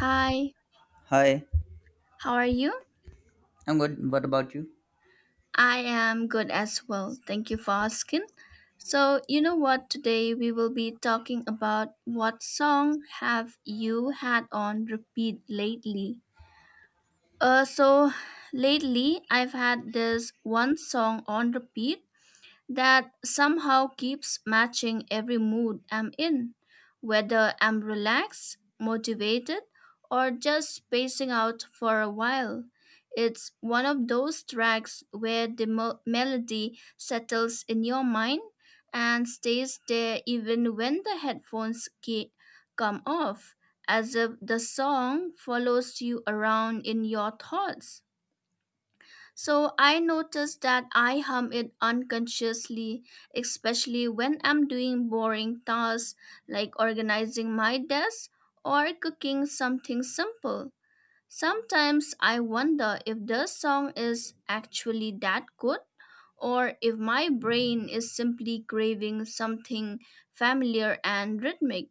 Hi, Hi, how are you? I'm good. What about you? I am good as well. Thank you for asking. So, you know what? Today we will be talking about what song have you had on repeat lately? So lately I've had this one song on repeat that somehow keeps matching every mood I'm in, whether I'm relaxed, motivated, or just spacing out for a while. It's one of those tracks where the melody settles in your mind and stays there even when the headphones come off, as if the song follows you around in your thoughts. So I notice that I hum it unconsciously, especially when I'm doing boring tasks like organizing my desk or cooking something simple. Sometimes I wonder if the song is actually that good or if my brain is simply craving something familiar and rhythmic.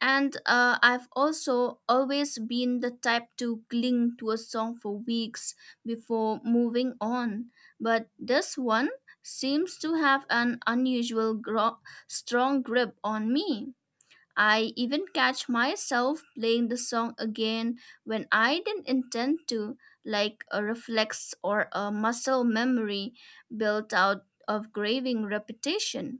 And I've also always been the type to cling to a song for weeks before moving on. But this one seems to have an unusual strong grip on me. I even catch myself playing the song again when I didn't intend to, like a reflex or a muscle memory built out of graving repetition.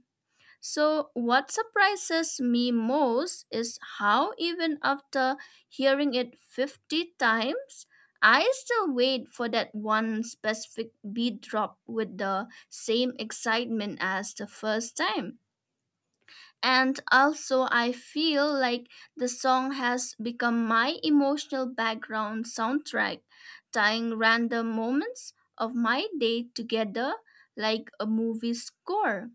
So, what surprises me most is how, even after hearing it 50 times, I still wait for that one specific beat drop with the same excitement as the first time. And also, I feel like the song has become my emotional background soundtrack, tying random moments of my day together like a movie score.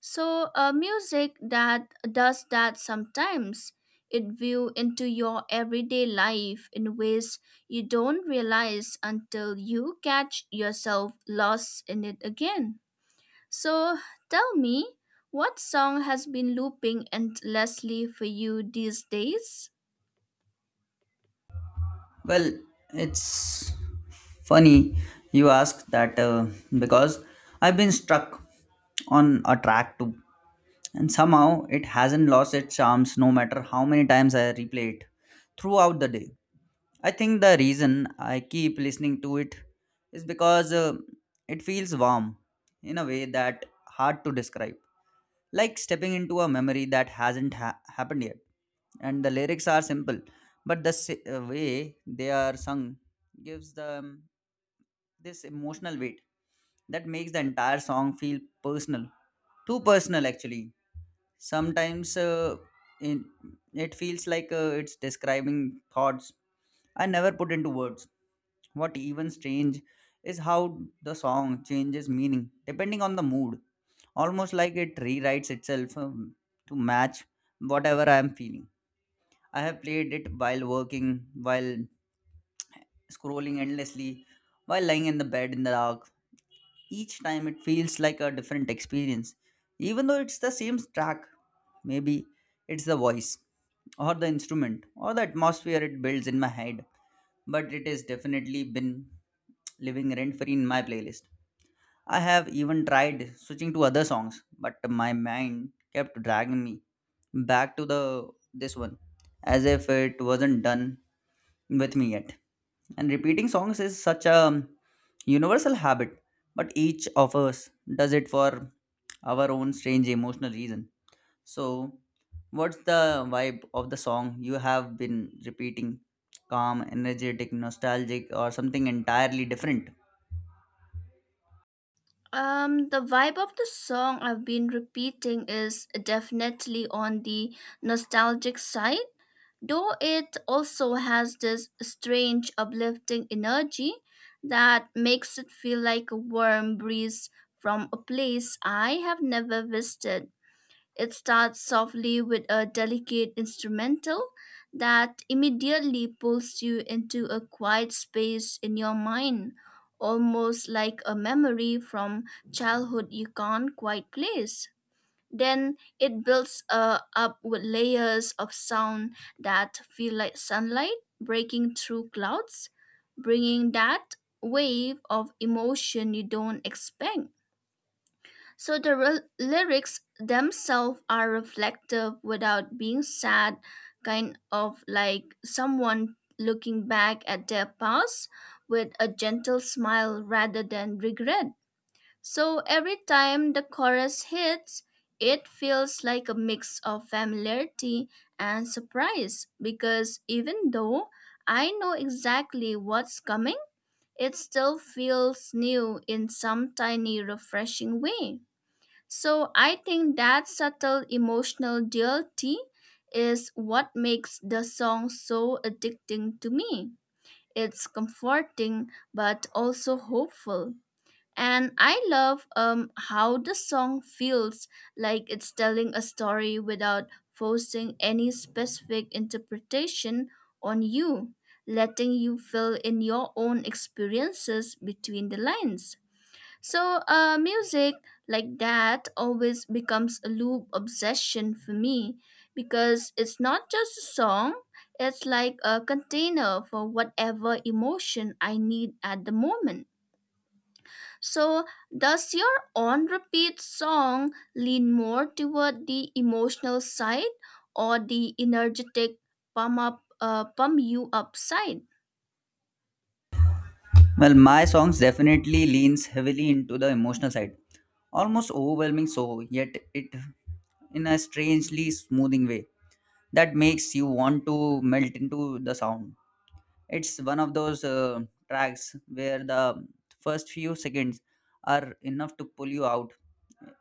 So, music that does that sometimes. It view into your everyday life in ways you don't realize until you catch yourself lost in it again. So tell me, what song has been looping endlessly for you these days? Well, it's funny you ask that because I've been stuck on a track too, and somehow it hasn't lost its charms no matter how many times I replay it throughout the day. I think the reason I keep listening to it is because it feels warm in a way that hard to describe. Like stepping into a memory that hasn't happened yet. And the lyrics are simple, but the way they are sung gives them this emotional weight that makes the entire song feel personal. Too personal, actually. Sometimes in, it feels like it's describing thoughts I never put into words. What even strange is how the song changes meaning depending on the mood, almost like it rewrites itself to match whatever I am feeling. I have played it while working, while scrolling endlessly, while lying in the bed in the dark. Each time it feels like a different experience, even though it's the same track. Maybe it's the voice, or the instrument, or the atmosphere it builds in my head, but it has definitely been living rent free in my playlist. I have even tried switching to other songs, but my mind kept dragging me back to the this one as if it wasn't done with me yet. And repeating songs is such a universal habit, but each of us does it for our own strange emotional reason. So, what's the vibe of the song you have been repeating? Calm, energetic, nostalgic, or something entirely different? The vibe of the song I've been repeating is definitely on the nostalgic side, though it also has this strange uplifting energy that makes it feel like a warm breeze from a place I have never visited. It starts softly with a delicate instrumental that immediately pulls you into a quiet space in your mind, almost like a memory from childhood you can't quite place. Then it builds up with layers of sound that feel like sunlight breaking through clouds, bringing that wave of emotion you don't expect. So the lyrics themselves are reflective without being sad, kind of like someone looking back at their past with a gentle smile rather than regret. So every time the chorus hits, it feels like a mix of familiarity and surprise because even though I know exactly what's coming, it still feels new in some tiny, refreshing way. So I think that subtle emotional duality is what makes the song so addicting to me. It's comforting but also hopeful. And I love how the song feels like it's telling a story without forcing any specific interpretation on you, letting you fill in your own experiences between the lines. So, music like that always becomes a loop obsession for me because it's not just a song, it's like a container for whatever emotion I need at the moment. So, does your on repeat song lean more toward the emotional side or the energetic pump you up side? Well, my songs definitely leans heavily into the emotional side, almost overwhelming so, yet it in a strangely smoothing way that makes you want to melt into the sound. It's one of those tracks where the first few seconds are enough to pull you out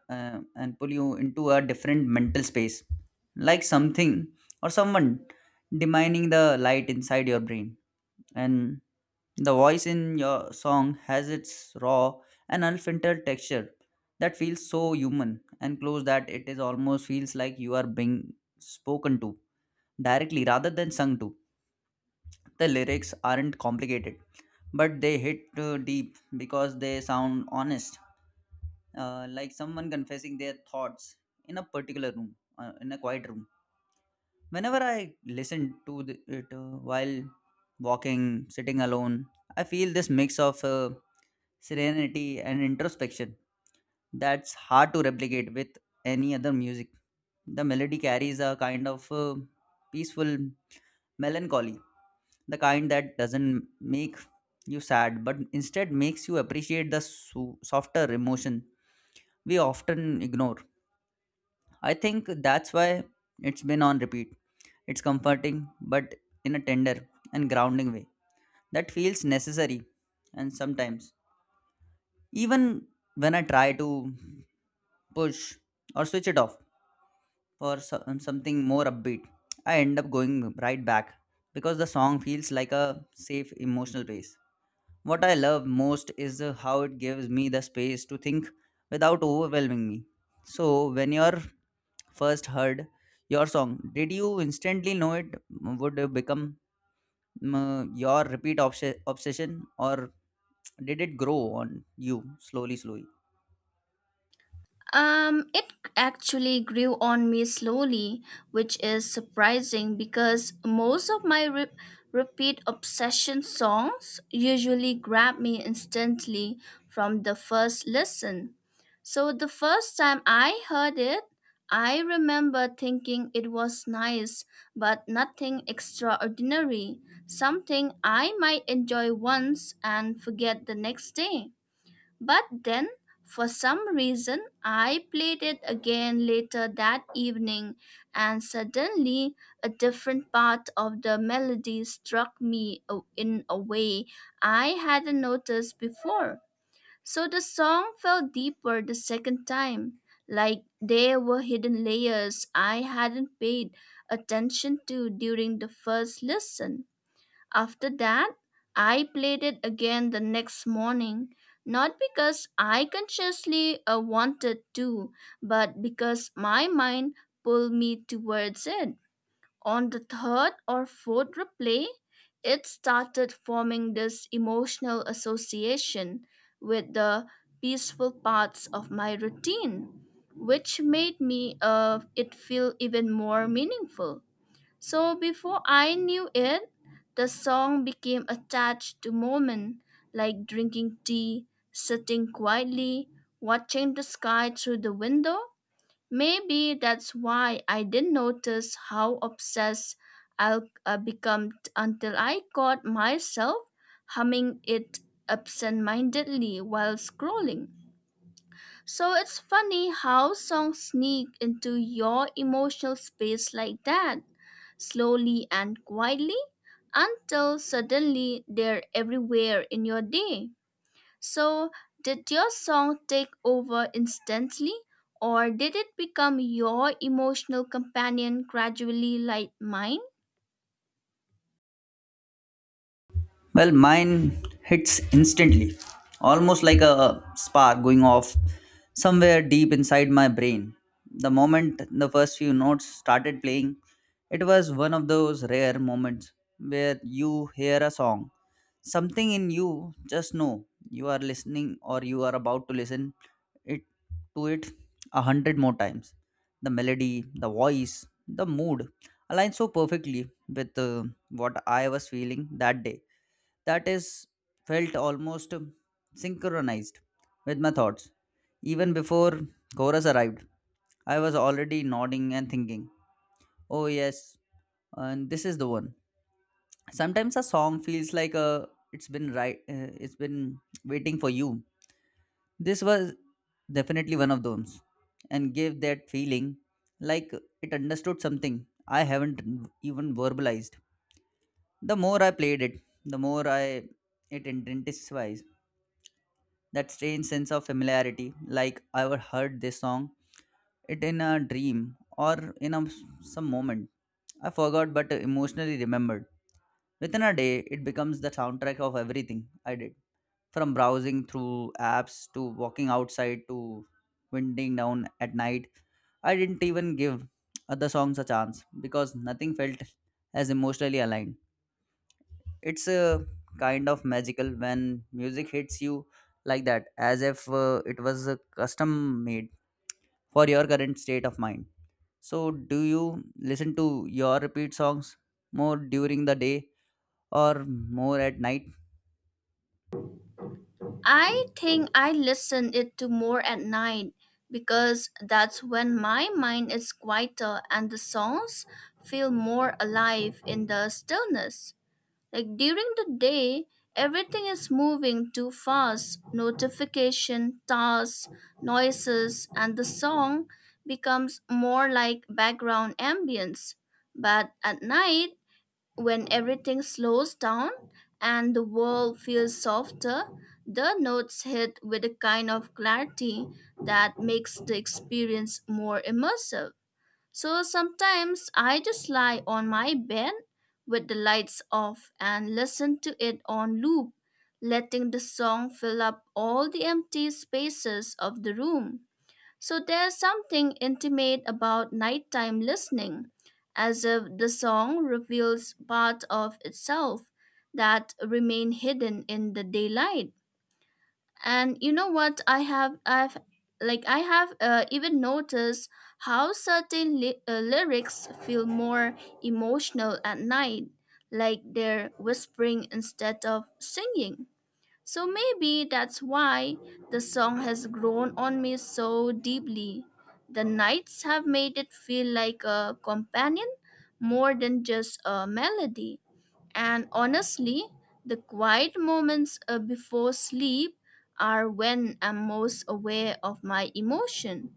uh, and pull you into a different mental space, like something or someone dimming the light inside your brain, and the voice in your song has its raw and unfiltered texture that feels so human and close that it is almost feels like you are being spoken to directly rather than sung to. The lyrics aren't complicated, but they hit deep because they sound honest, like someone confessing their thoughts in a particular room, in a quiet room. Whenever I listen to it while walking, sitting alone, I feel this mix of serenity and introspection that's hard to replicate with any other music. The melody carries a kind of peaceful melancholy, the kind that doesn't make you sad but instead makes you appreciate the softer emotion we often ignore. I think that's why it's been on repeat. It's comforting, but in a tender and grounding way that feels necessary. And sometimes, even when I try to push or switch it off for something more upbeat, I end up going right back because the song feels like a safe emotional base. What I love most is how it gives me the space to think without overwhelming me. So, when you're first heard your song, did you instantly know it would become your repeat obsession, or did it grow on you slowly slowly? It actually grew on me slowly, which is surprising because most of my repeat obsession songs usually grab me instantly from the first listen. So the first time I heard it, I remember thinking it was nice, but nothing extraordinary, something I might enjoy once and forget the next day. But then, for some reason, I played it again later that evening, and suddenly a different part of the melody struck me in a way I hadn't noticed before. So the song felt deeper the second time, like there were hidden layers I hadn't paid attention to during the first listen. After that, I played it again the next morning, not because I consciously wanted to, but because my mind pulled me towards it. On the third or fourth replay, it started forming this emotional association with the peaceful parts of my routine, which made me it feel even more meaningful. So before I knew it, the song became attached to moments like drinking tea, sitting quietly, watching the sky through the window. Maybe that's why I didn't notice how obsessed I'll become until I caught myself humming it absent-mindedly while scrolling. So it's funny how songs sneak into your emotional space like that slowly and quietly until suddenly they're everywhere in your day. So, did your song take over instantly, or did it become your emotional companion gradually like mine? Well, mine hits instantly, almost like a spark going off somewhere deep inside my brain. The moment the first few notes started playing, it was one of those rare moments where you hear a song. Something in you just know you are listening, or you are about to listen it to it a hundred more times. The melody, the voice, the mood align so perfectly with what I was feeling that day that is felt almost synchronized with my thoughts. Even before chorus arrived, I was already nodding and thinking, oh yes, and this is the one. Sometimes a song feels like a it's been waiting for you. This was definitely one of those and gave that feeling like it understood something I haven't even verbalized. The more I played it, the more I it intensifies that strange sense of familiarity, like I ever heard this song it in a dream or in some moment I forgot but emotionally remembered. Within a day it becomes the soundtrack of everything I did, from browsing through apps to walking outside to winding down at night. I didn't even give other songs a chance because nothing felt as emotionally aligned. It's a kind of magical when music hits you like that, as if it was custom made for your current state of mind. So, do you listen to your repeat songs more during the day or more at night? I think I listen it to more at night because that's when my mind is quieter and the songs feel more alive in the stillness. Like during the day, everything is moving too fast. Notification, tasks, noises, and the song becomes more like background ambience. But at night, when everything slows down and the world feels softer, the notes hit with a kind of clarity that makes the experience more immersive. So sometimes I just lie on my bed with the lights off and listen to it on loop, letting the song fill up all the empty spaces of the room. So there's something intimate about nighttime listening, as if the song reveals part of itself that remain hidden in the daylight. And you know what I have I've like I have even noticed how certain lyrics feel more emotional at night, like they're whispering instead of singing. So maybe that's why the song has grown on me so deeply. The nights have made it feel like a companion more than just a melody. And honestly, the quiet moments before sleep are when I'm most aware of my emotion.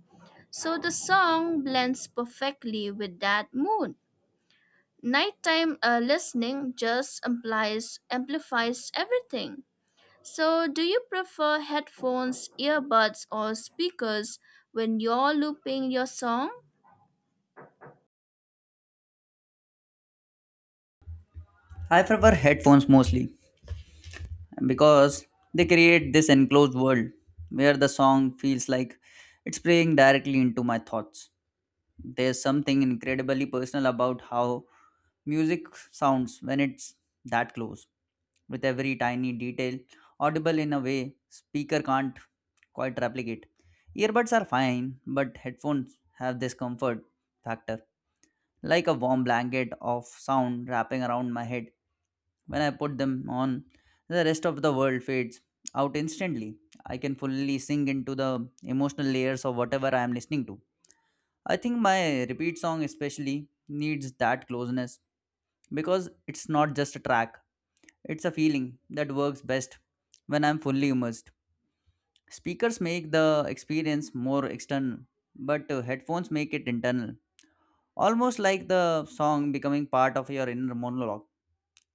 So the song blends perfectly with that mood. Nighttime listening just amplifies everything. So, do you prefer headphones, earbuds, or speakers when you're looping your song? I prefer headphones mostly because they create this enclosed world where the song feels like it's playing directly into my thoughts. There's something incredibly personal about how music sounds when it's that close, with every tiny detail audible in a way speaker can't quite replicate. Earbuds are fine, but headphones have this comfort factor, like a warm blanket of sound wrapping around my head. When I put them on, the rest of the world fades out instantly. I can fully sink into the emotional layers of whatever I am listening to. I think my repeat song, especially, needs that closeness because it's not just a track, it's a feeling that works best when I'm fully immersed. Speakers make the experience more external, but headphones make it internal, almost like the song becoming part of your inner monologue.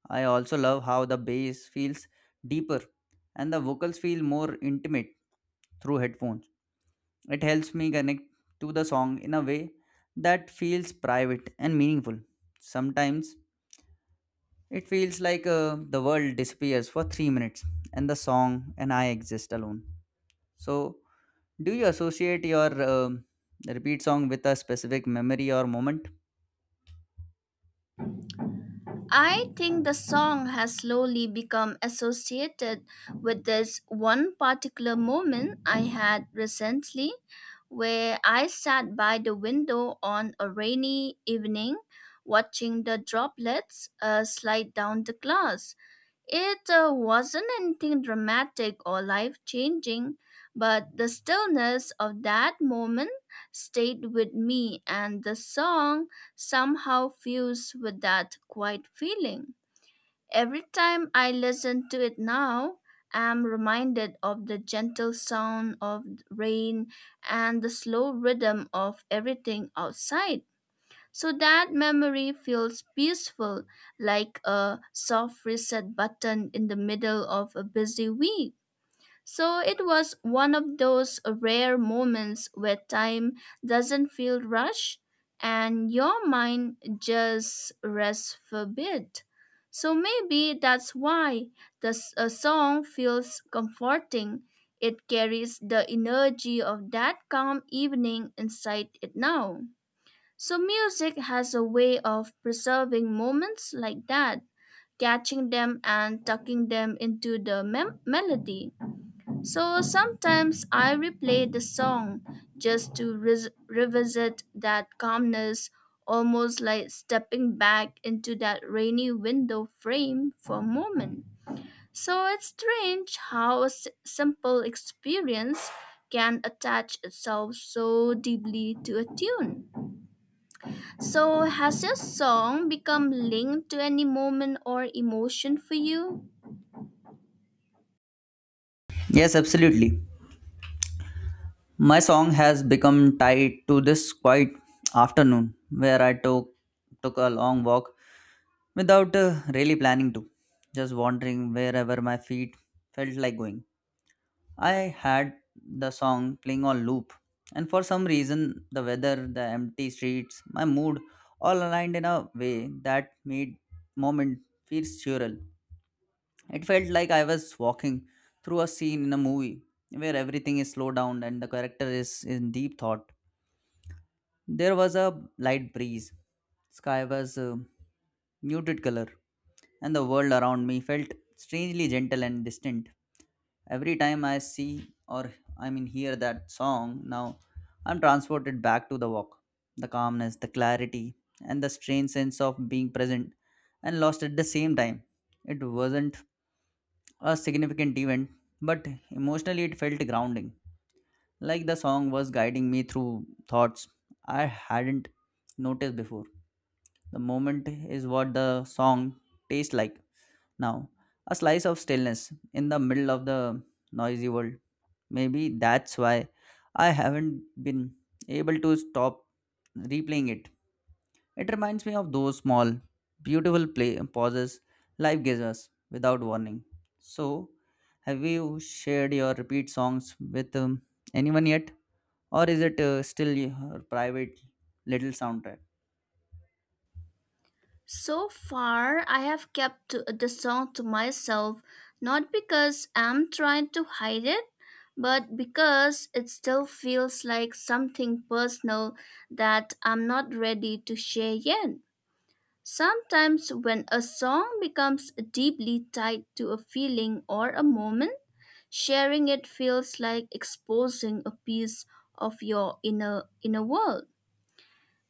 I also love how the bass feels deeper and the vocals feel more intimate through headphones. It helps me connect to the song in a way that feels private and meaningful. Sometimes it feels like the world disappears for 3 minutes and the song and I exist alone. So, do you associate your repeat song with a specific memory or moment? I think the song has slowly become associated with this one particular moment I had recently where I sat by the window on a rainy evening watching the droplets slide down the glass. It wasn't anything dramatic or life changing, but the stillness of that moment stayed with me, and the song somehow fused with that quiet feeling. Every time I listen to it now, I'm reminded of the gentle sound of rain and the slow rhythm of everything outside. So that memory feels peaceful, like a soft reset button in the middle of a busy week. So it was one of those rare moments where time doesn't feel rushed and your mind just rests for a bit. So maybe that's why the s- a song feels comforting. It carries the energy of that calm evening inside it now. So music has a way of preserving moments like that, catching them and tucking them into the melody. So sometimes I replay the song just to revisit that calmness, almost like stepping back into that rainy window frame for a moment. So it's strange how a simple experience can attach itself so deeply to a tune. So, has your song become linked to any moment or emotion for you? Yes, absolutely. My song has become tied to this quiet afternoon where I took a long walk without really planning to, just wandering wherever my feet felt like going. I had the song playing on loop, and for some reason, the weather, the empty streets, my mood all aligned in a way that made moment feel surreal. It felt like I was walking through a scene in a movie where everything is slowed down and the character is in deep thought. There was a light breeze. Sky was a muted color, and the world around me felt strangely gentle and distant. Every time I see, or I mean hear that song now, I'm transported back to the walk. The calmness, the clarity, and the strange sense of being present and lost at the same time. It wasn't a significant event, but emotionally it felt grounding. Like the song was guiding me through thoughts I hadn't noticed before. The moment is what the song tastes like now. A slice of stillness in the middle of the noisy world. Maybe that's why I haven't been able to stop replaying it. It reminds me of those small, beautiful play pauses life gives us without warning. So, have you shared your repeat songs with anyone yet, or is it still your private little soundtrack? So far, I have kept the song to myself, not because I'm trying to hide it, but because it still feels like something personal that I'm not ready to share yet. Sometimes, when a song becomes deeply tied to a feeling or a moment, sharing it feels like exposing a piece of your inner world.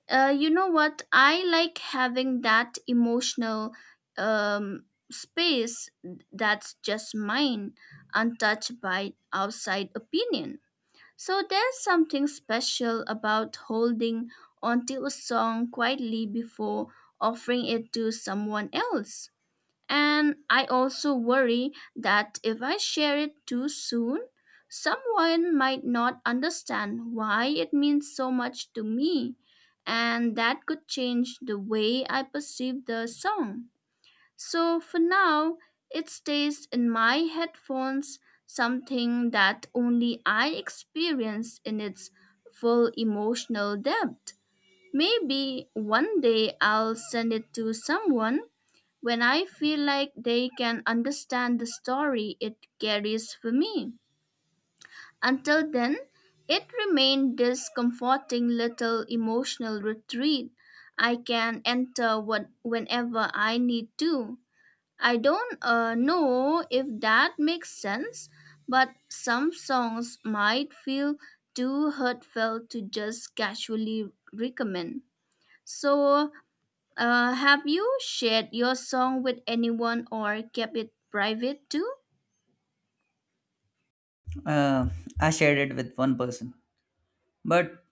You know what? I like having that emotional um, space that's just mine, untouched by outside opinion. So there's something special about holding onto a song quietly before offering it to someone else. And I also worry that if I share it too soon, someone might not understand why it means so much to me, and that could change the way I perceive the song. So for now, it stays in my headphones, something that only I experience in its full emotional depth. Maybe one day I'll send it to someone when I feel like they can understand the story it carries for me. Until then, it remained this comforting little emotional retreat I can enter whenever I need to. I don't know if that makes sense, but some songs might feel too heartfelt to just casually recommend. So, have you shared your song with anyone or kept it private too? Uh, I shared it with one person, but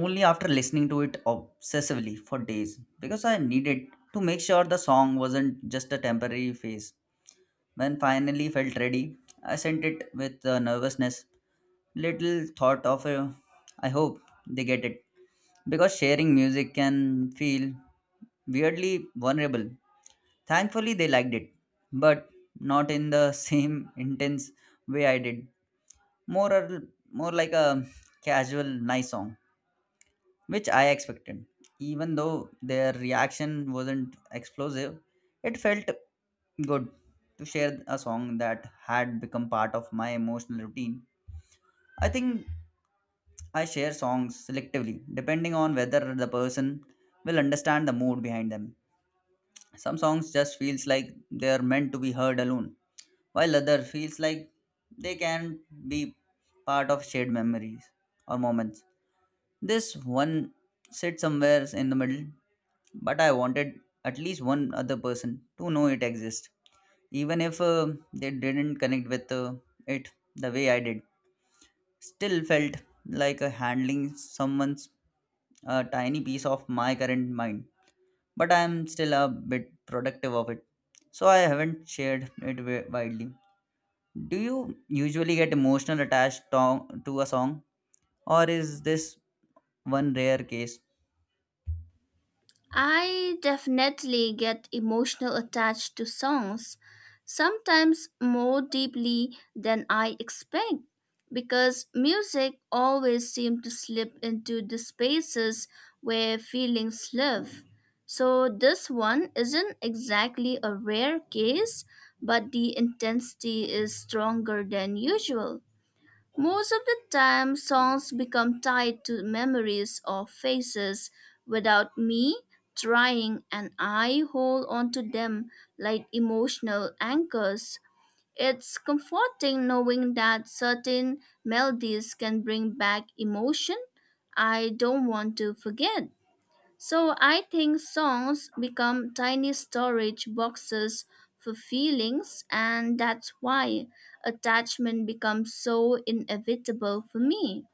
only after listening to it obsessively for days because I needed to make sure the song wasn't just a temporary phase. When finally felt ready, I sent it with nervousness, little thought of I hope they get it because sharing music can feel weirdly vulnerable. Thankfully, they liked it, but not in the same intense way I did. More like a casual nice song, which I expected. Even though their reaction wasn't explosive, it felt good to share a song that had become part of my emotional routine. I think I share songs selectively, depending on whether the person will understand the mood behind them. Some songs just feels like they are meant to be heard alone, while other feels like they can be part of shared memories or moments. This one sit somewhere in the middle, but I wanted at least one other person to know it exists, even if they didn't connect with it the way I did. Still felt like handling someone's a tiny piece of my current mind, but I am still a bit productive of it, so I haven't shared it widely. Do you usually get emotional attached to a song, or is this one rare case? I definitely get emotional attached to songs, sometimes more deeply than I expect, because music always seems to slip into the spaces where feelings live. So this one isn't exactly a rare case, but the intensity is stronger than usual. Most of the time, songs become tied to memories or faces without me trying, and I hold on to them like emotional anchors. It's comforting knowing that certain melodies can bring back emotion I don't want to forget. So I think songs become tiny storage boxes for feelings, and that's why attachment becomes so inevitable for me.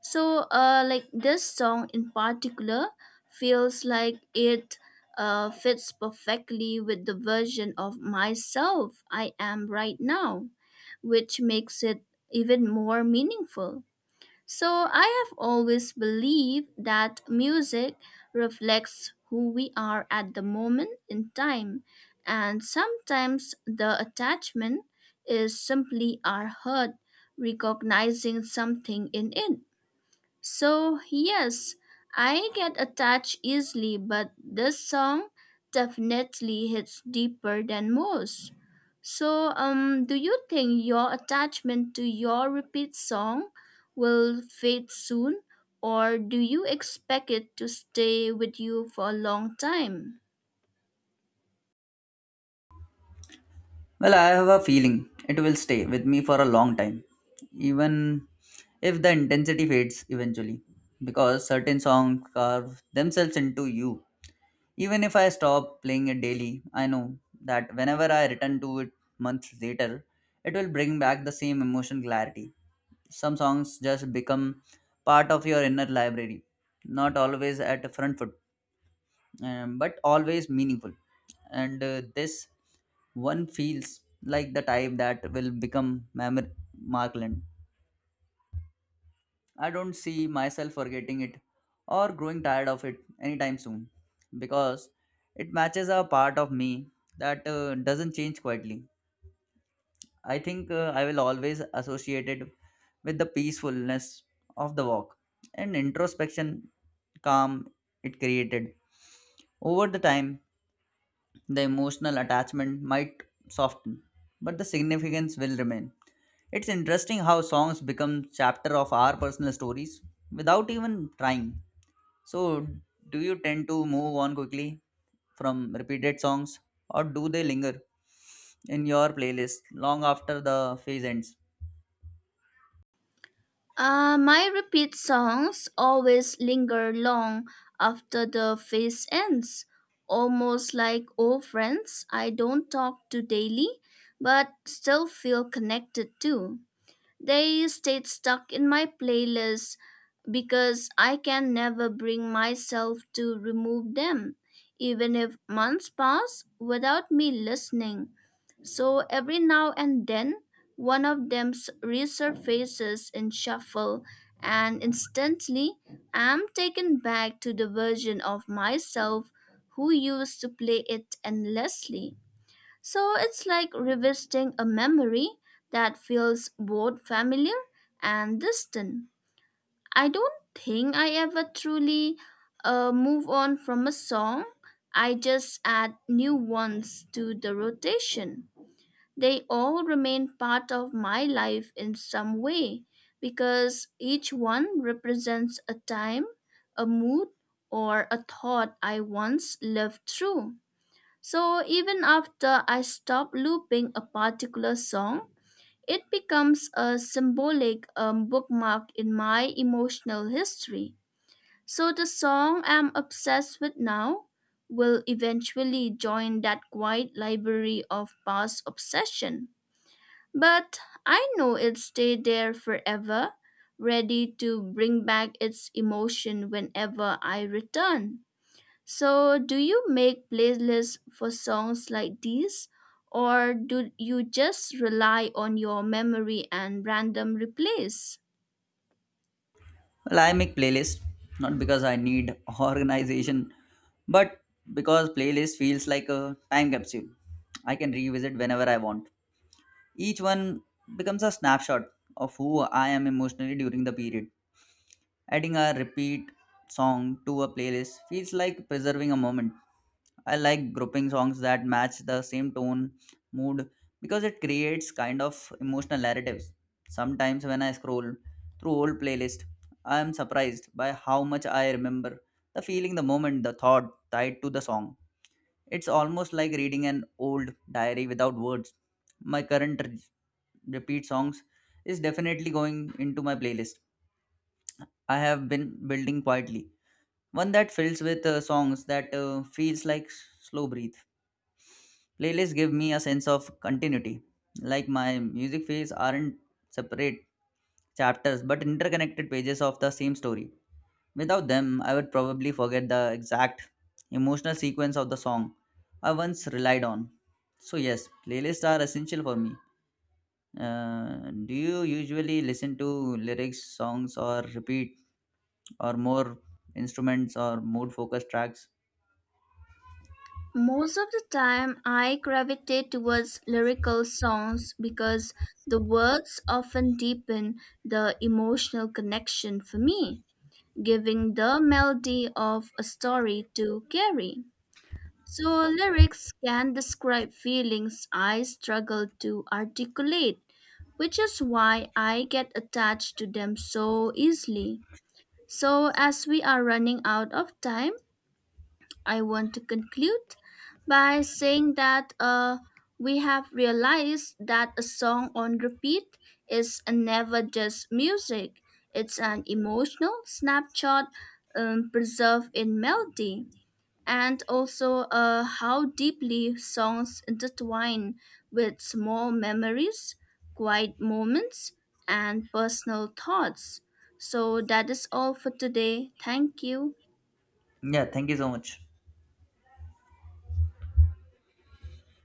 So, like this song in particular feels like it fits perfectly with the version of myself I am right now, which makes it even more meaningful. So I have always believed that music reflects who we are at the moment in time, and sometimes the attachment is simply our heart recognizing something in it. So, yes, I get attached easily, but this song definitely hits deeper than most. So, do you think your attachment to your repeat song will fade soon, or do you expect it to stay with you for a long time? Well, I have a feeling it will stay with me for a long time, even if the intensity fades eventually, because certain songs carve themselves into you. Even if I stop playing it daily, I know that whenever I return to it months later, it will bring back the same emotion clarity. Some songs just become part of your inner library, not always at a front foot, but always meaningful, and this one feels like the type that will become Mamre Markland. I don't see myself forgetting it or growing tired of it anytime soon because it matches a part of me that doesn't change quietly. I think I will always associate it with the peacefulness of the walk and introspection calm it created. Over the time, the emotional attachment might soften, but the significance will remain. It's interesting how songs become chapter of our personal stories without even trying. So, do you tend to move on quickly from repeated songs, or do they linger in your playlist long after the phase ends? My repeat songs always linger long after the phase ends, almost like old friends I don't talk to daily but still feel connected to. They stayed stuck in my playlist because I can never bring myself to remove them, even if months pass without me listening. So every now and then, one of them resurfaces in shuffle, and instantly I'm taken back to the version of myself who used to play it endlessly. So it's like revisiting a memory that feels both familiar and distant. I don't think I ever truly move on from a song. I just add new ones to the rotation. They all remain part of my life in some way because each one represents a time, a mood, or a thought I once lived through. So even after I stop looping a particular song, it becomes a symbolic bookmark in my emotional history. So the song I'm obsessed with now will eventually join that quiet library of past obsession. But I know it'll stay there forever, ready to bring back its emotion whenever I return. So, do you make playlists for songs like these, or do you just rely on your memory and random replays? Well, I make playlists not because I need organization, but because playlist feels like a time capsule. I can revisit whenever I want. Each one becomes a snapshot of who I am emotionally during the period. Adding a repeat song to a playlist feels like preserving a moment. I like grouping songs that match the same tone, mood, because it creates kind of emotional narratives. Sometimes when I scroll through old playlist, I am surprised by how much I remember the feeling, the moment, the thought tied to the song. It's almost like reading an old diary without words. My current repeat songs is definitely going into my playlist. I have been building quietly. One that fills with songs that feels like slow breathe. Playlists give me a sense of continuity. Like my music feeds aren't separate chapters but interconnected pages of the same story. Without them, I would probably forget the exact emotional sequence of the song I once relied on. So, yes, playlists are essential for me. Do you usually listen to lyrics, songs, or repeat, or more instruments or mood focused tracks? Most of the time, I gravitate towards lyrical songs because the words often deepen the emotional connection for me, giving the melody of a story to carry. So, lyrics can describe feelings I struggle to articulate, which is why I get attached to them so easily. So, as we are running out of time, I want to conclude by saying that we have realized that a song on repeat is never just music, it's an emotional snapshot preserved in melody, and also how deeply songs intertwine with small memories, quiet moments, and personal thoughts. So that is all for today. Thank you. Yeah, thank you so much.